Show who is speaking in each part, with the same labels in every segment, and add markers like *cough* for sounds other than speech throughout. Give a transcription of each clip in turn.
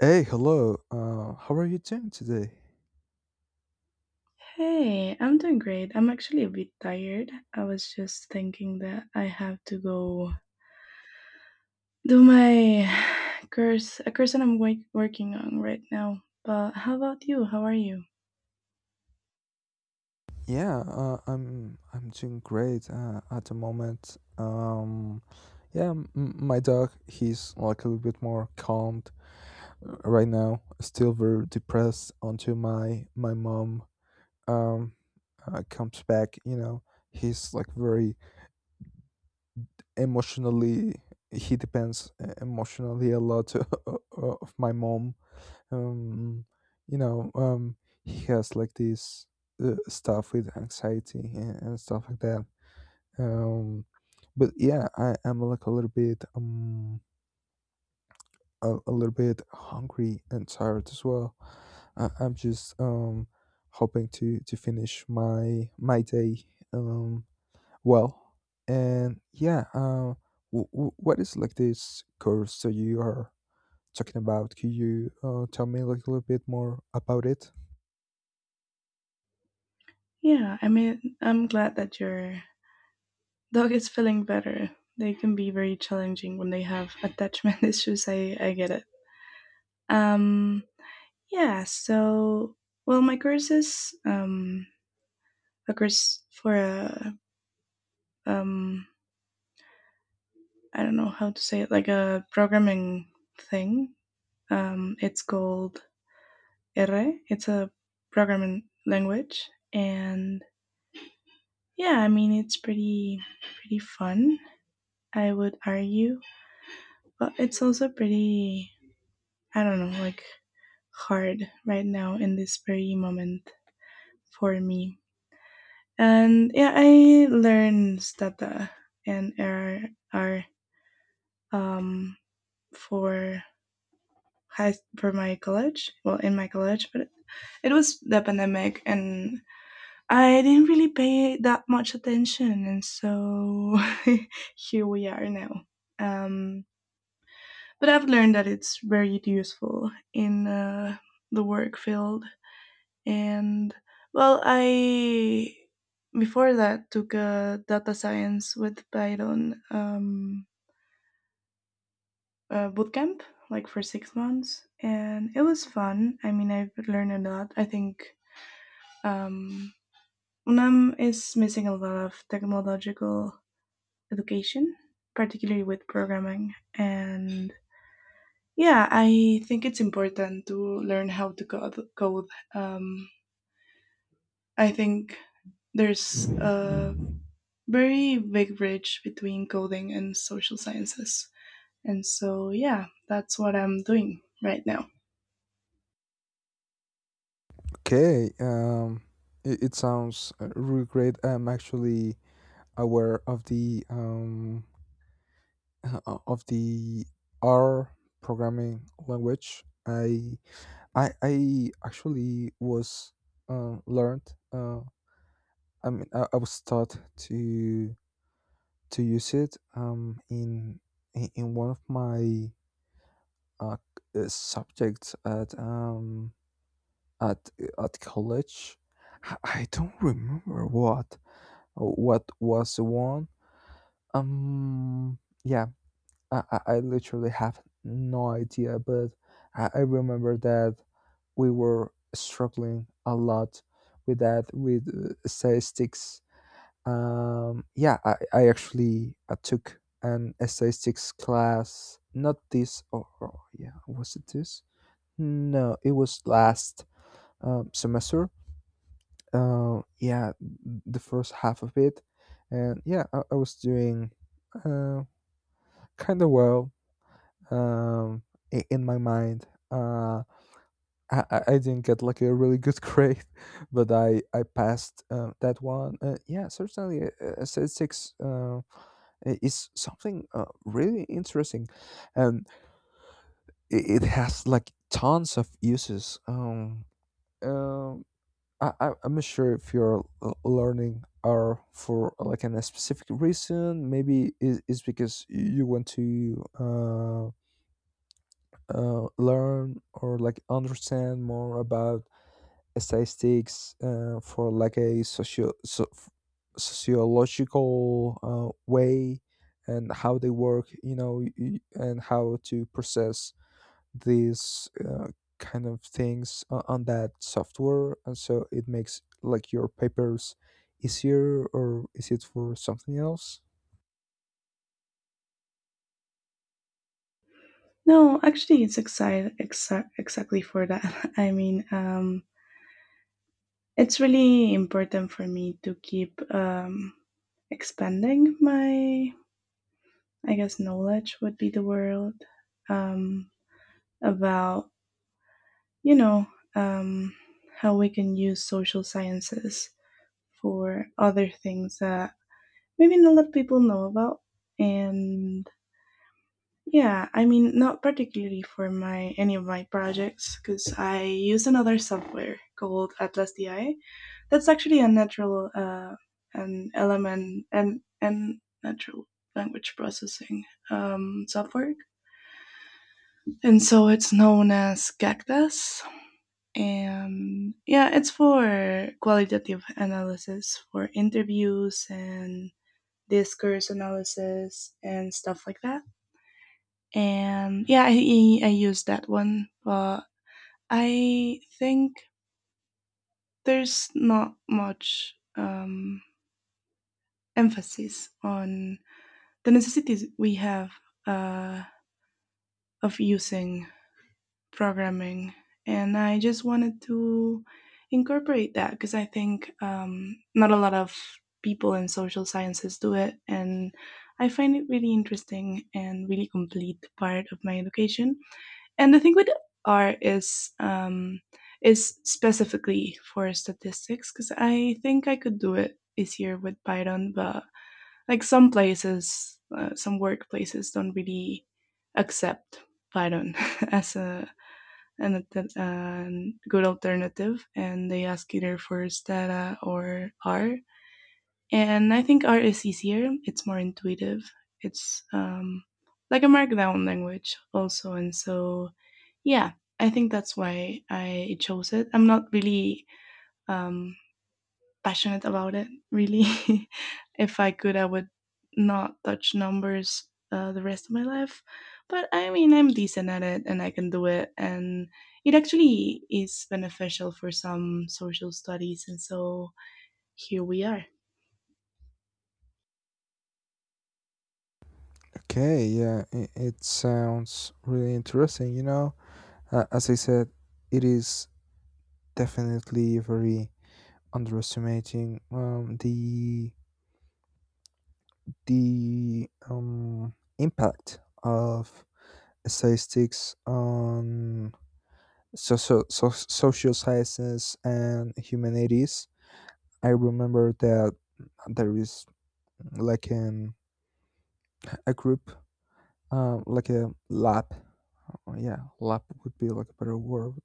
Speaker 1: Hey, hello. How are you doing today?
Speaker 2: Hey, I'm doing great. I'm actually a bit tired. I was just thinking that I have to go do my *sighs* course, a course that I'm working on right now. But how about you? How are you?
Speaker 1: Yeah, I'm doing great at the moment. Yeah, my dog he's like a little bit more calmed right now. Still very depressed until my mom um comes back. You know, he's like very emotionally. He depends emotionally a lot *laughs* of my mom um you know um he has like this stuff with anxiety and stuff like that, um but yeah, I am like a little bit a little bit hungry and tired as well. I'm just hoping to finish my day. Um well and yeah w- w- What is like this course that you are talking about? Could you tell me like a little bit more about it?
Speaker 2: Yeah, I mean, I'm glad that your dog is feeling better. They can be very challenging when they have attachment *laughs* issues. I get it. Um, yeah, so, well, my course is a course for a um, I don't know how to say it, like a programming thing. It's called R. It's a programming language, and yeah, I mean it's pretty fun. I would argue, but it's also pretty I don't know like hard right now in this very moment for me. And yeah, I learned Stata and R um, for high for my college well in my college but it was the pandemic and I didn't really pay that much attention and so *laughs* here we are now, um, but I've learned that it's very useful in the work field. And well, I before that took a data science with Python boot camp like for 6 months and it was fun. I mean, I've learned a lot, I think. um, UNAM is missing a lot of technological education, particularly with programming, and yeah, I think it's important to learn how to code, code. Um, I think there's a very big bridge between coding and social sciences, and so yeah, that's what I'm doing right now.
Speaker 1: Okay, it sounds really great. I'm actually aware of the *laughs* of the R programming language. I I actually was learned. Uh, I mean, I was taught to use it in in one of my uh, subjects at at college. I don't remember what was the one? Um, yeah, I literally have no idea, but I remember that we were struggling a lot with that, with statistics. Yeah, I actually took an statistics class, not this, or yeah, was it this? No, it was last semester, yeah, the first half of it, and yeah, I was doing uh, kind of well, um, in my mind. I didn't get like a really good *laughs* grade, but I passed that one. Yeah, certainly, statistics is something really interesting, and it has like tons of uses. Um, I'm not sure if your learning are for like a specific reason. Maybe is because you want to learn or like understand more about statistics for like a socio so, sociological way and how they work, you know, and how to process these kind of things on that software and so it makes like your papers easier, or is it for something else?
Speaker 2: No, actually, it's exactly for that. *laughs* I mean, it's really important for me to keep expanding my, I guess, knowledge would be the word um, about, you know, um, how we can use social sciences for other things that maybe not a lot of people know about. And yeah, I mean, not particularly for my any of my projects because I use another software called Atlas DI. That's actually an element, and natural language processing software, and so it's known as Cactus. And yeah, it's for qualitative analysis for interviews and discourse analysis and stuff like that. And yeah, I use that one, but I think there's not much emphasis on the necessities we have uh of using programming, and I just wanted to incorporate that because I think not a lot of people in social sciences do it, and I find it really interesting and really complete part of my education. And the thing with R is specifically for statistics because I think I could do it easier with Python, but like some workplaces don't really accept Python *laughs* as a and a an good alternative, and they ask either for Stata or R. And I think R is easier. It's more intuitive. It's like a markdown language also, and so yeah, I think that's why I chose it. I'm not really um, passionate about it, really. *laughs* If I could, I would not touch numbers the rest of my life. But I mean, I'm decent at it and I can do it. And it actually is beneficial for some social studies. And so here we are.
Speaker 1: Okay, yeah, it sounds really interesting. You know, as I said, it is definitely very underestimating the impact of statistics on social sciences and humanities. I remember that there is like an a group, like a lab. Oh, yeah, lab would be like a better word.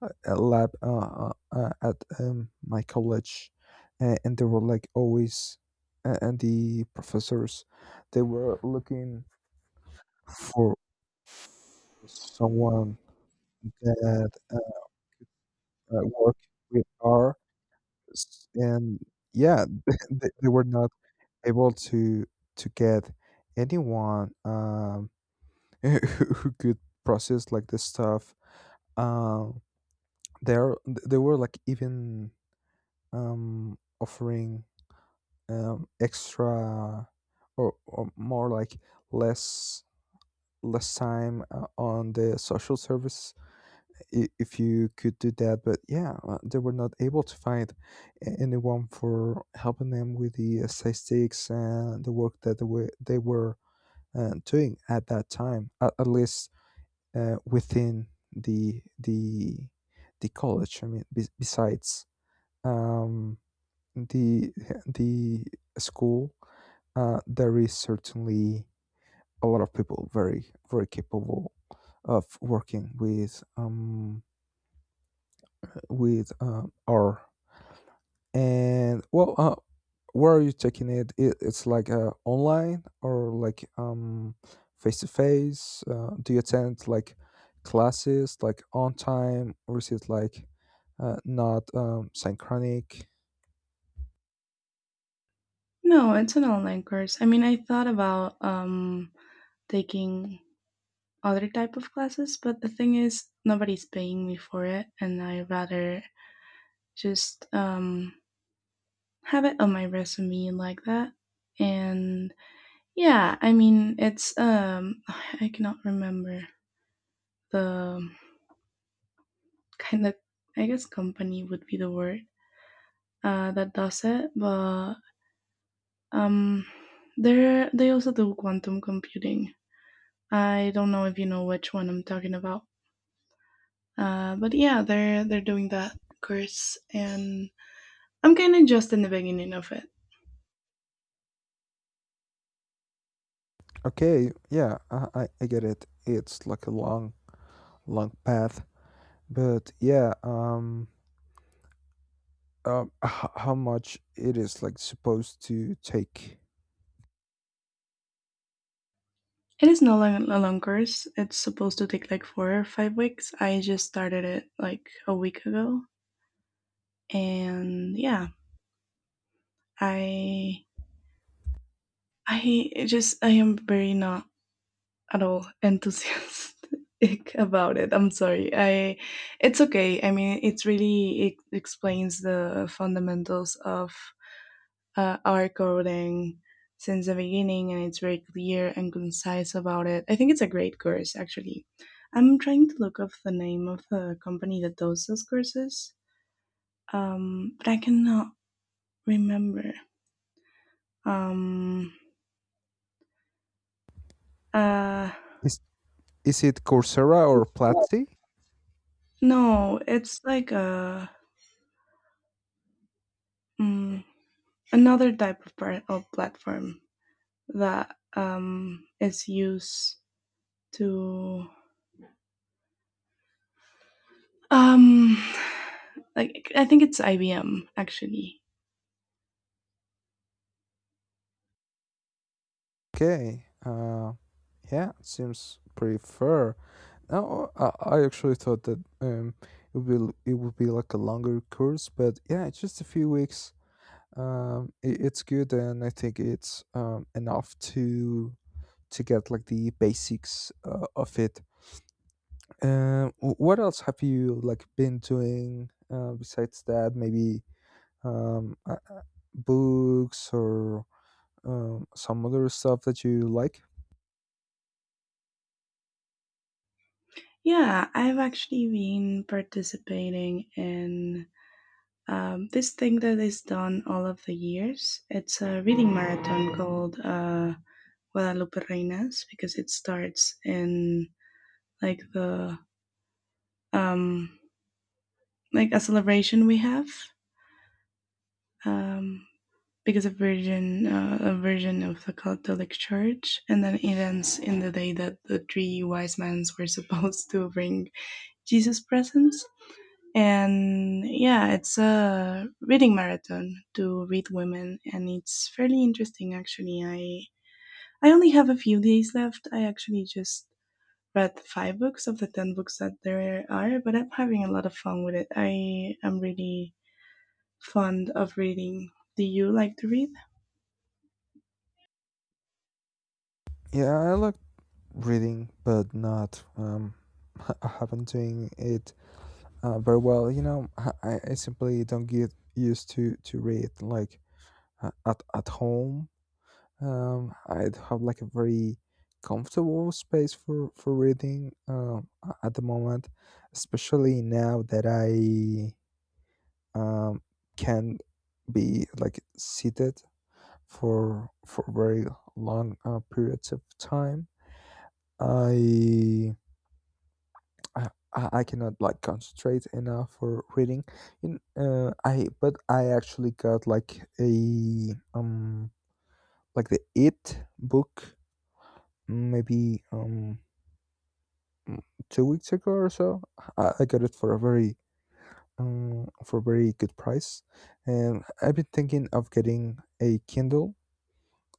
Speaker 1: A a lab at my college, and they were like always, and the professors, they were looking for someone that work with R, and yeah, *laughs* they were not able to get anyone *laughs* who could process like this stuff. Um, there they were like even offering extra or more like less less time on the social service if you could do that. But yeah, they were not able to find anyone for helping them with the statistics and the work that they were doing at that time, at least within the the college. I mean, besides um, the the school, there is certainly a lot of people very very capable of working with our. And well, where are you taking it? It's like online or like face to face? Do you attend like classes like on time, or is it like not synchronic?
Speaker 2: No, it's an online course. I mean, I thought about taking other type of classes, but the thing is nobody's paying me for it and I rather just have it on my resume like that. And yeah, I mean, it's *sighs* I cannot remember the kind of, I guess company would be the word, that does it, but um they also do quantum computing. I don't know if you know which one I'm talking about. But yeah, they're doing that course, and I'm kind of just in the beginning of it.
Speaker 1: Okay, yeah, I get it. It's like a long long path, but yeah, how much it is like supposed to take?
Speaker 2: It is no long, a long course. It's supposed to take like 4 or 5 weeks. I just started it like a week ago, and yeah, I I am very not at all enthusiastic *laughs* about it. I'm sorry. I it's okay. I mean, it explains the fundamentals of our coding since the beginning, and it's very clear and concise about it. I think it's a great course actually. I'm trying to look up the name of the company that does those courses, but I cannot remember. Um, uh,
Speaker 1: is is it Coursera or Platzi?
Speaker 2: No, it's like a mm, another type of platform that is used to um *sighs* like I think it's IBM actually.
Speaker 1: Okay. Yeah, it seems pretty fair. Now, I actually thought that it would be like a longer course, but yeah, it's just a few weeks. It's good, and I think it's enough to get like the basics of it. Wh- what else have you like been doing besides that? Maybe um, uh, uh, books or some other stuff that you like.
Speaker 2: Yeah, I've actually been participating in this thing that is done all of the years. It's a reading marathon called Guadalupe Reinas because it starts in like the um like a celebration we have, um, because a virgin of the Catholic Church, and then it ends in the day that the three wise men were *laughs* supposed to bring Jesus presents. And yeah, it's a reading marathon to read women, and it's fairly interesting actually. I only have a few days left. I actually just read five books of the 10 books that there are, but I'm having a lot of fun with it. I am really fond of reading. Do you like to read?
Speaker 1: Yeah, I like reading, but not *laughs* I haven't doing it very well. You know, I simply don't get used to read like at home. I'd have like a very comfortable space for reading at the moment, especially now that I um, can be like seated for very long periods of time. I I, I cannot like concentrate enough for reading. In I but I actually got like a like the It book maybe mm, 2 weeks ago or so. I got it for a very good price, and I've been thinking of getting a Kindle,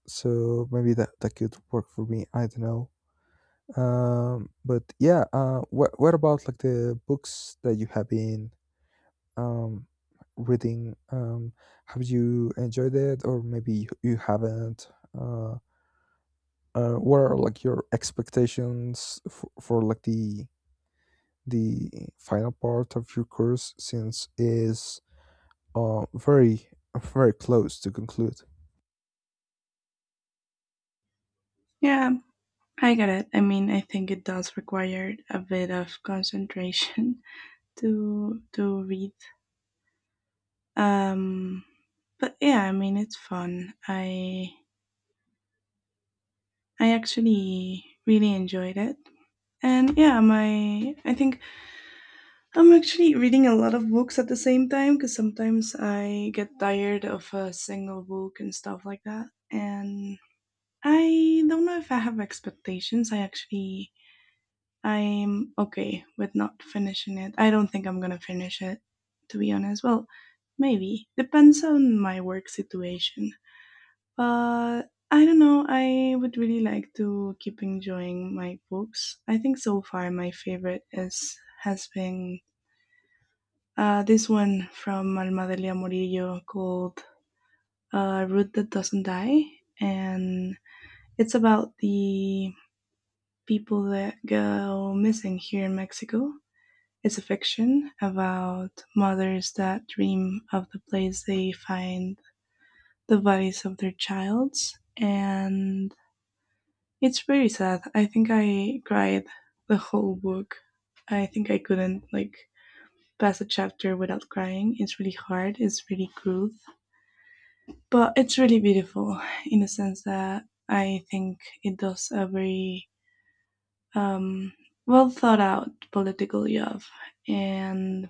Speaker 1: so maybe that could work for me. I don't know. But yeah. What about like the books that you have been um, reading? Have you enjoyed it, or maybe you haven't? Uh, what are like your expectations for like the final part of your course, since is very very close to conclude?
Speaker 2: Yeah, I get it. I mean, I think it does require a bit of concentration *laughs* to read. Um, but yeah, I mean, it's fun. I actually really enjoyed it. And yeah, my I think I'm actually reading a lot of books at the same time because sometimes I get tired of a single book and stuff like that. And I don't know if I have expectations. I'm okay with not finishing it. I don't think I'm gonna finish it, to be honest. Well, maybe. Depends on my work situation. But I don't know, I would really like to keep enjoying my books. I think so far my favorite is has been this one from Almadelia Murillo called Root That Doesn't Die, and it's about the people that go missing here in Mexico. It's a fiction about mothers that dream of the place they find the bodies of their childs. And it's very sad. I think I cried the whole book. I think I couldn't like pass a chapter without crying. It's really hard. It's really cruel, but it's really beautiful in the sense that I think it does a very um, well thought out political Yov. And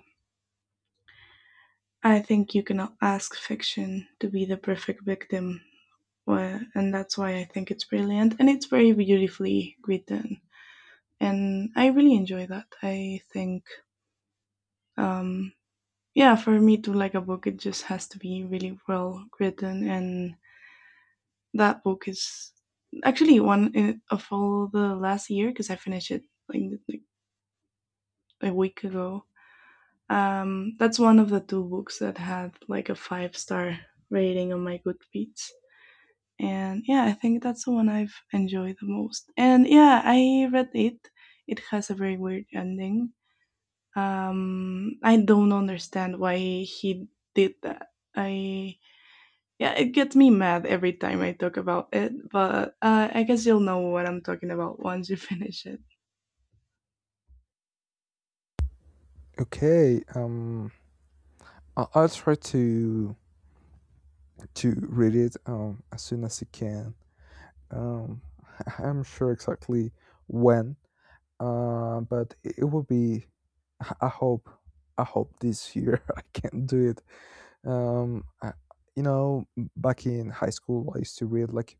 Speaker 2: I think you cannot ask fiction to be the perfect victim. Well, and that's why I think it's brilliant and it's very beautifully written. And I really enjoy that. I think, um, yeah, for me to like a book, it just has to be really well written. And that book is actually one of all the last year because I finished it like, like a week ago. That's one of the two books that had like a five-star rating on my Goodreads. And yeah, I think that's the one I've enjoyed the most. And yeah, I read it. It has a very weird ending. I don't understand why he did that. I yeah, it gets me mad every time I talk about it. But I guess you'll know what I'm talking about once you *laughs* finish it.
Speaker 1: Okay. I- I'll try to read it as soon as I can. Um, *laughs* I'm sure exactly when, but it will be, i hope I hope this year *laughs* I can do it. um I, you know, back in high school I used to read like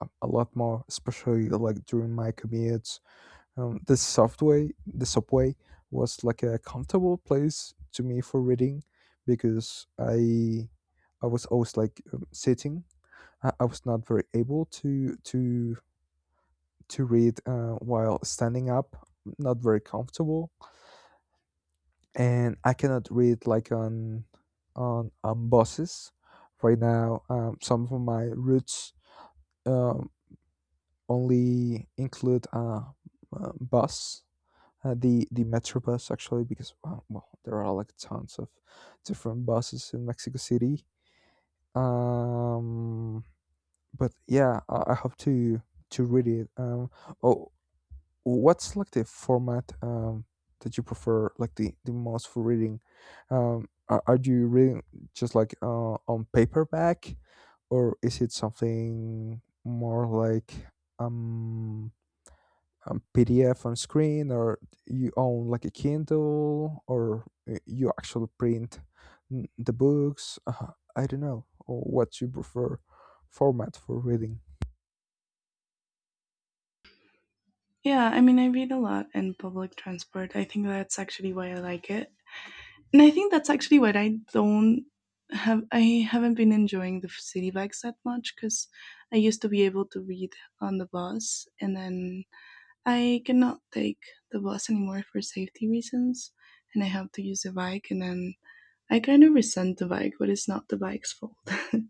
Speaker 1: a lot more, especially like during my commutes. The subway was like a comfortable place to me for reading because I was always like sitting. I was not very able to read while standing up, not very comfortable, and I cannot read like on buses right now. Some of my routes um, only include bus, the metro bus actually, because well, there are like tons of different buses in Mexico City. Um, but yeah, I hope to read it. Oh, What's like the format that you prefer, like the most for reading? Are you reading just like on paperback, or is it something more like um, PDF on screen, or you own like a Kindle, or you actually print the books? I don't know. Or what you prefer format for reading?
Speaker 2: Yeah, I mean, I read a lot in public transport. I think that's actually why I like it. And I think that's actually what I haven't been enjoying the city bikes that much cuz I used to be able to read on the bus, and then I cannot take the bus anymore for safety reasons, and I have to use a bike, and then I kind of resent the bike, but it's not the bike's fault. *laughs*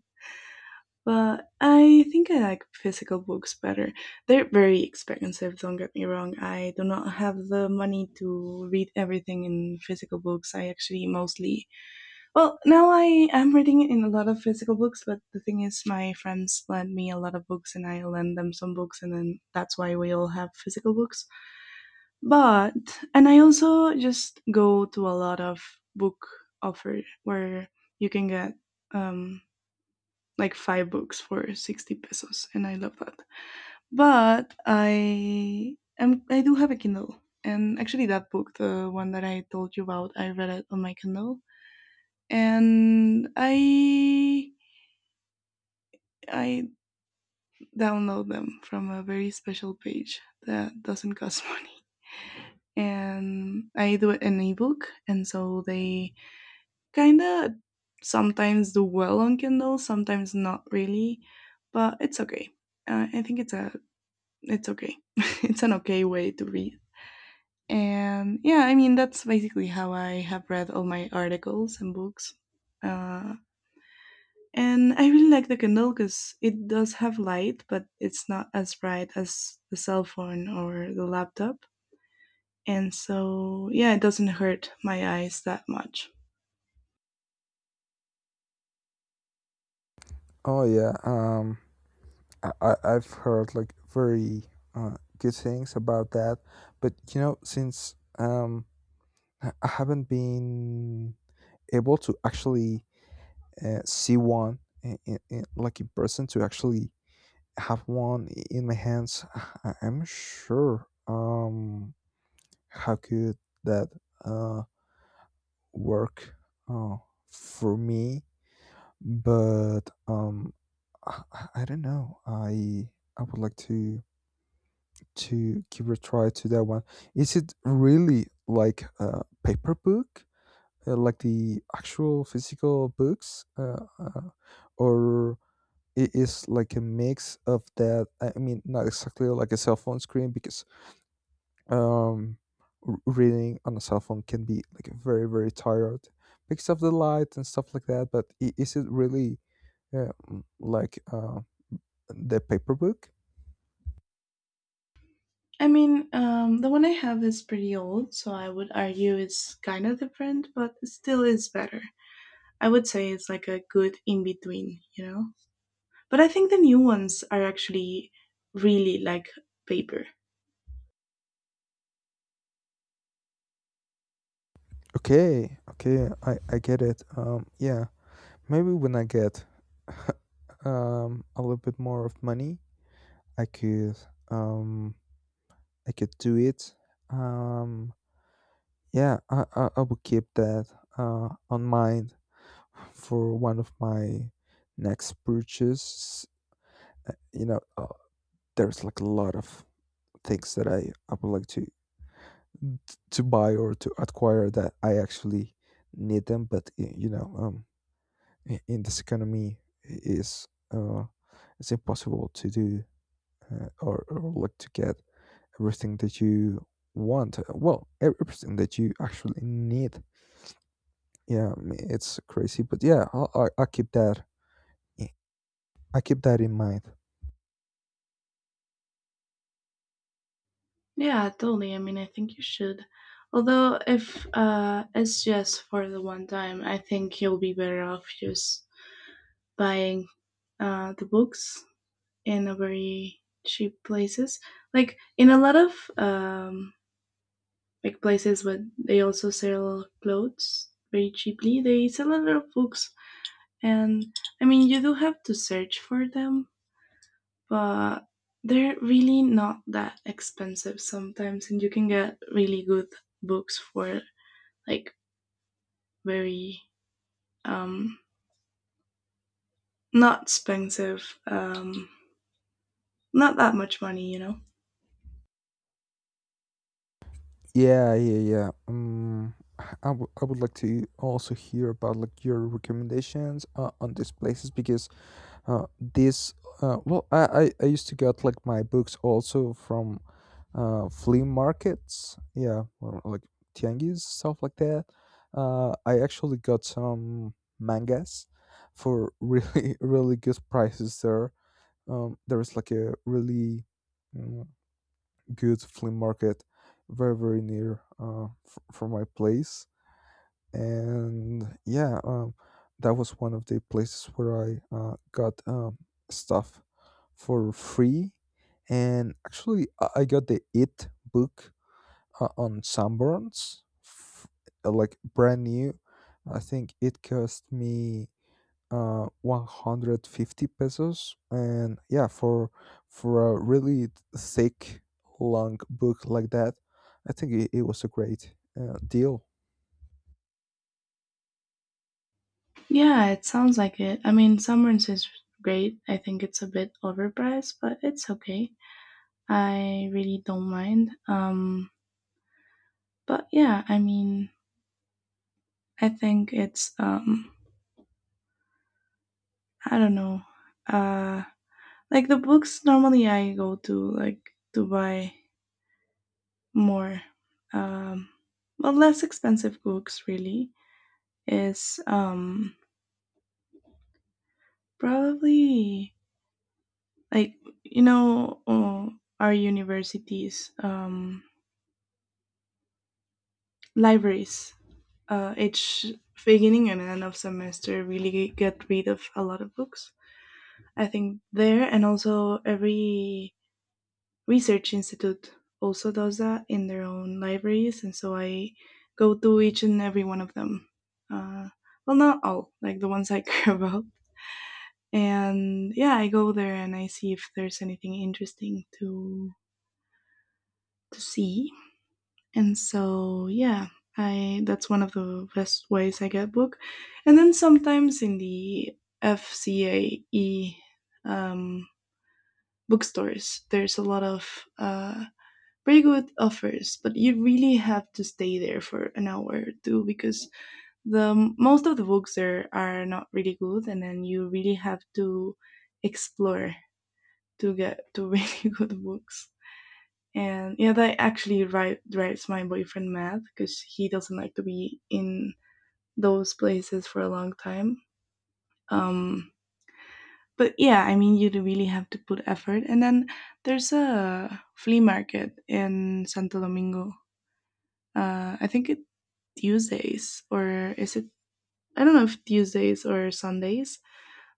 Speaker 2: But I think I like physical books better. They're very expensive, don't get me wrong. I do not have the money to read everything in physical books. Well, now I am reading in a lot of physical books, but the thing is, my friends lend me a lot of books and I lend them some books, and then that's why we all have physical books. But, and I also just go to a lot of book offer where you can get um like five books for 60 pesos and I love that. But I do have a Kindle, and actually that book, the one that I told you about, I read it on my Kindle, and I download them from a very special page that doesn't cost *laughs* money, and I do it in ebook, and so they kind of sometimes do well on Kindle, sometimes not really, but it's okay. I think it's okay. *laughs* It's an okay way to read. And yeah, I mean, that's basically how I have read all my articles and books. Uh, and I really like the Kindle because it does have light, but it's not as bright as the cell phone or the laptop. And so, yeah, it doesn't hurt my eyes that much.
Speaker 1: Oh yeah. I I've heard like very good things about that, but you know, since I haven't been able to actually see one in, like in person to actually have one in my hands, I'm sure how could that uh work uh, for me, but I don't know. I would like to give a try to that one. Is it really like a paper book, like the actual physical books, or it is like a mix of that? I mean, not exactly like a cell phone screen because um, reading on a cell phone can be like very very tired because of the light and stuff like that. But is it really like the paper book?
Speaker 2: I mean, the one I have is pretty old, so I would argue it's kind of different, but it still is better. I would say it's like a good in between, you know? But I think the new ones are actually really like paper.
Speaker 1: Okay, okay, I get it. Yeah. Maybe when I get *laughs* a little bit more of money, I could um, I could do it. Um, yeah, I will keep that on mind for one of my next purchases. You know, there's like a lot of things that I would like to buy or to acquire that I actually need them, but you know, in this economy, is uh, it's impossible to do or like to get everything that you want, well, everything that you actually need. Yeah, I mean, it's crazy. But yeah, I keep that in mind.
Speaker 2: Yeah, totally. I mean, I think you should. Although, if it's just for the one time, I think you'll be better off just buying the books in a very cheap places. Like in a lot of um, like places where they also sell clothes very cheaply. They sell a lot of books, and I mean you do have to search for them, but they're really not that expensive sometimes, and you can get really good books for like very um, not expensive, not that much money.
Speaker 1: Yeah, yeah, yeah. I would like to also hear about like your recommendations on these places. Because this well, I used to get like my books also from flea markets. Yeah, or, like tianguis, stuff like that. I actually got some mangas for really *laughs* really good prices there. There is like a really mm, good flea market very very near from my place, and yeah, that was one of the places where I got stuff for free. And actually, I got the It book on Sanborns, like brand new. I think it cost me 150 pesos, and yeah, for a really thick long book like that, I think it was a great deal.
Speaker 2: Yeah, it sounds like it. I mean, Summers is great. I think it's a bit overpriced, but it's okay. I really don't mind. But yeah, I mean, I think it's I don't know. Uh, like the books normally I go to like to buy more, um, less expensive books really is probably like you know uh, our universities libraries each beginning and end of semester really get rid of a lot of books. I think there, and also every research institute also does that in their own libraries, and so I go to each and every one of them. Uh, well, not all, like the ones I *laughs* care about. And yeah, I go there and I see if there's anything interesting to see. And so, yeah, I that's one of the best ways I get book. And then sometimes in the FCAE um, bookstores, there's a lot of very good offers, but you really have to stay there for an hour or two because the most of the books there are not really good, and then you really have to explore to get to really *laughs* good books. And yeah, that actually ri drives my boyfriend mad because he doesn't like to be in those places for a long time. Um, but yeah, I mean, you do really have to put effort. And then there's a flea market in Santo Domingo. I think it Tuesdays or is it? I don't know if Tuesdays or Sundays,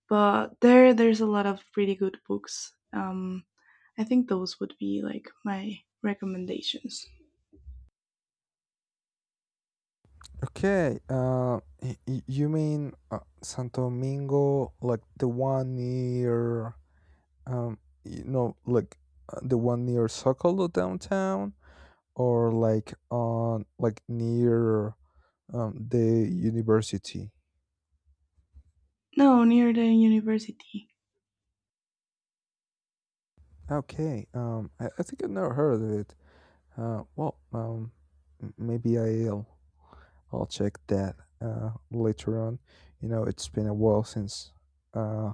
Speaker 2: but there's a lot of pretty good books. I think those would be like my recommendations.
Speaker 1: Okay, you mean Santo Domingo, like the one near um you know like the one near Sokolo downtown, or like on like near the university?
Speaker 2: No, near the university.
Speaker 1: Okay, I think I've never heard of it. uh well um Maybe I'll check that later on. You know, it's been a while since uh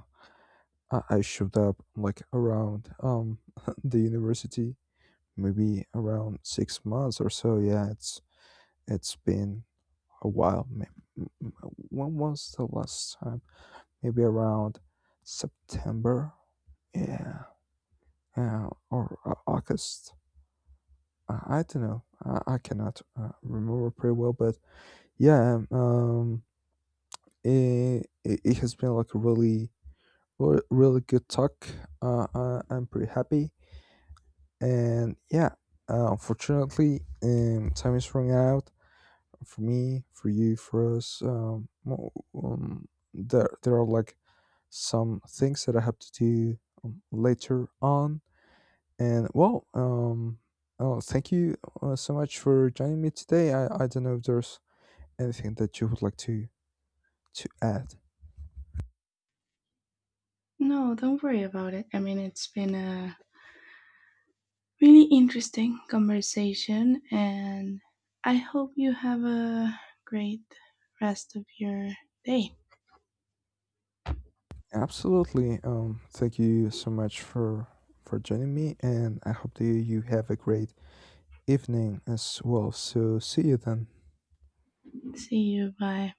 Speaker 1: I showed up like around *laughs* the university, maybe around 6 months or so. Yeah, it's been a while. When was the last time? Maybe around September. Yeah, yeah, or August. I don't know. I cannot remember pretty well, but yeah, it it has been like a really, re- really good talk. I, I'm pretty happy, and yeah, unfortunately, time is running out for me, for you, for us. Well, um, there are like some things that I have to do later on. And well, oh, thank you so much for joining me today. I don't know if there's anything that you would like to add.
Speaker 2: No, don't worry about it. I mean, it's been a really interesting conversation, and I hope you have a great rest of your day.
Speaker 1: Absolutely. Thank you so much for joining me, and I hope that you have a great evening as well. So see you then.
Speaker 2: See you. Bye.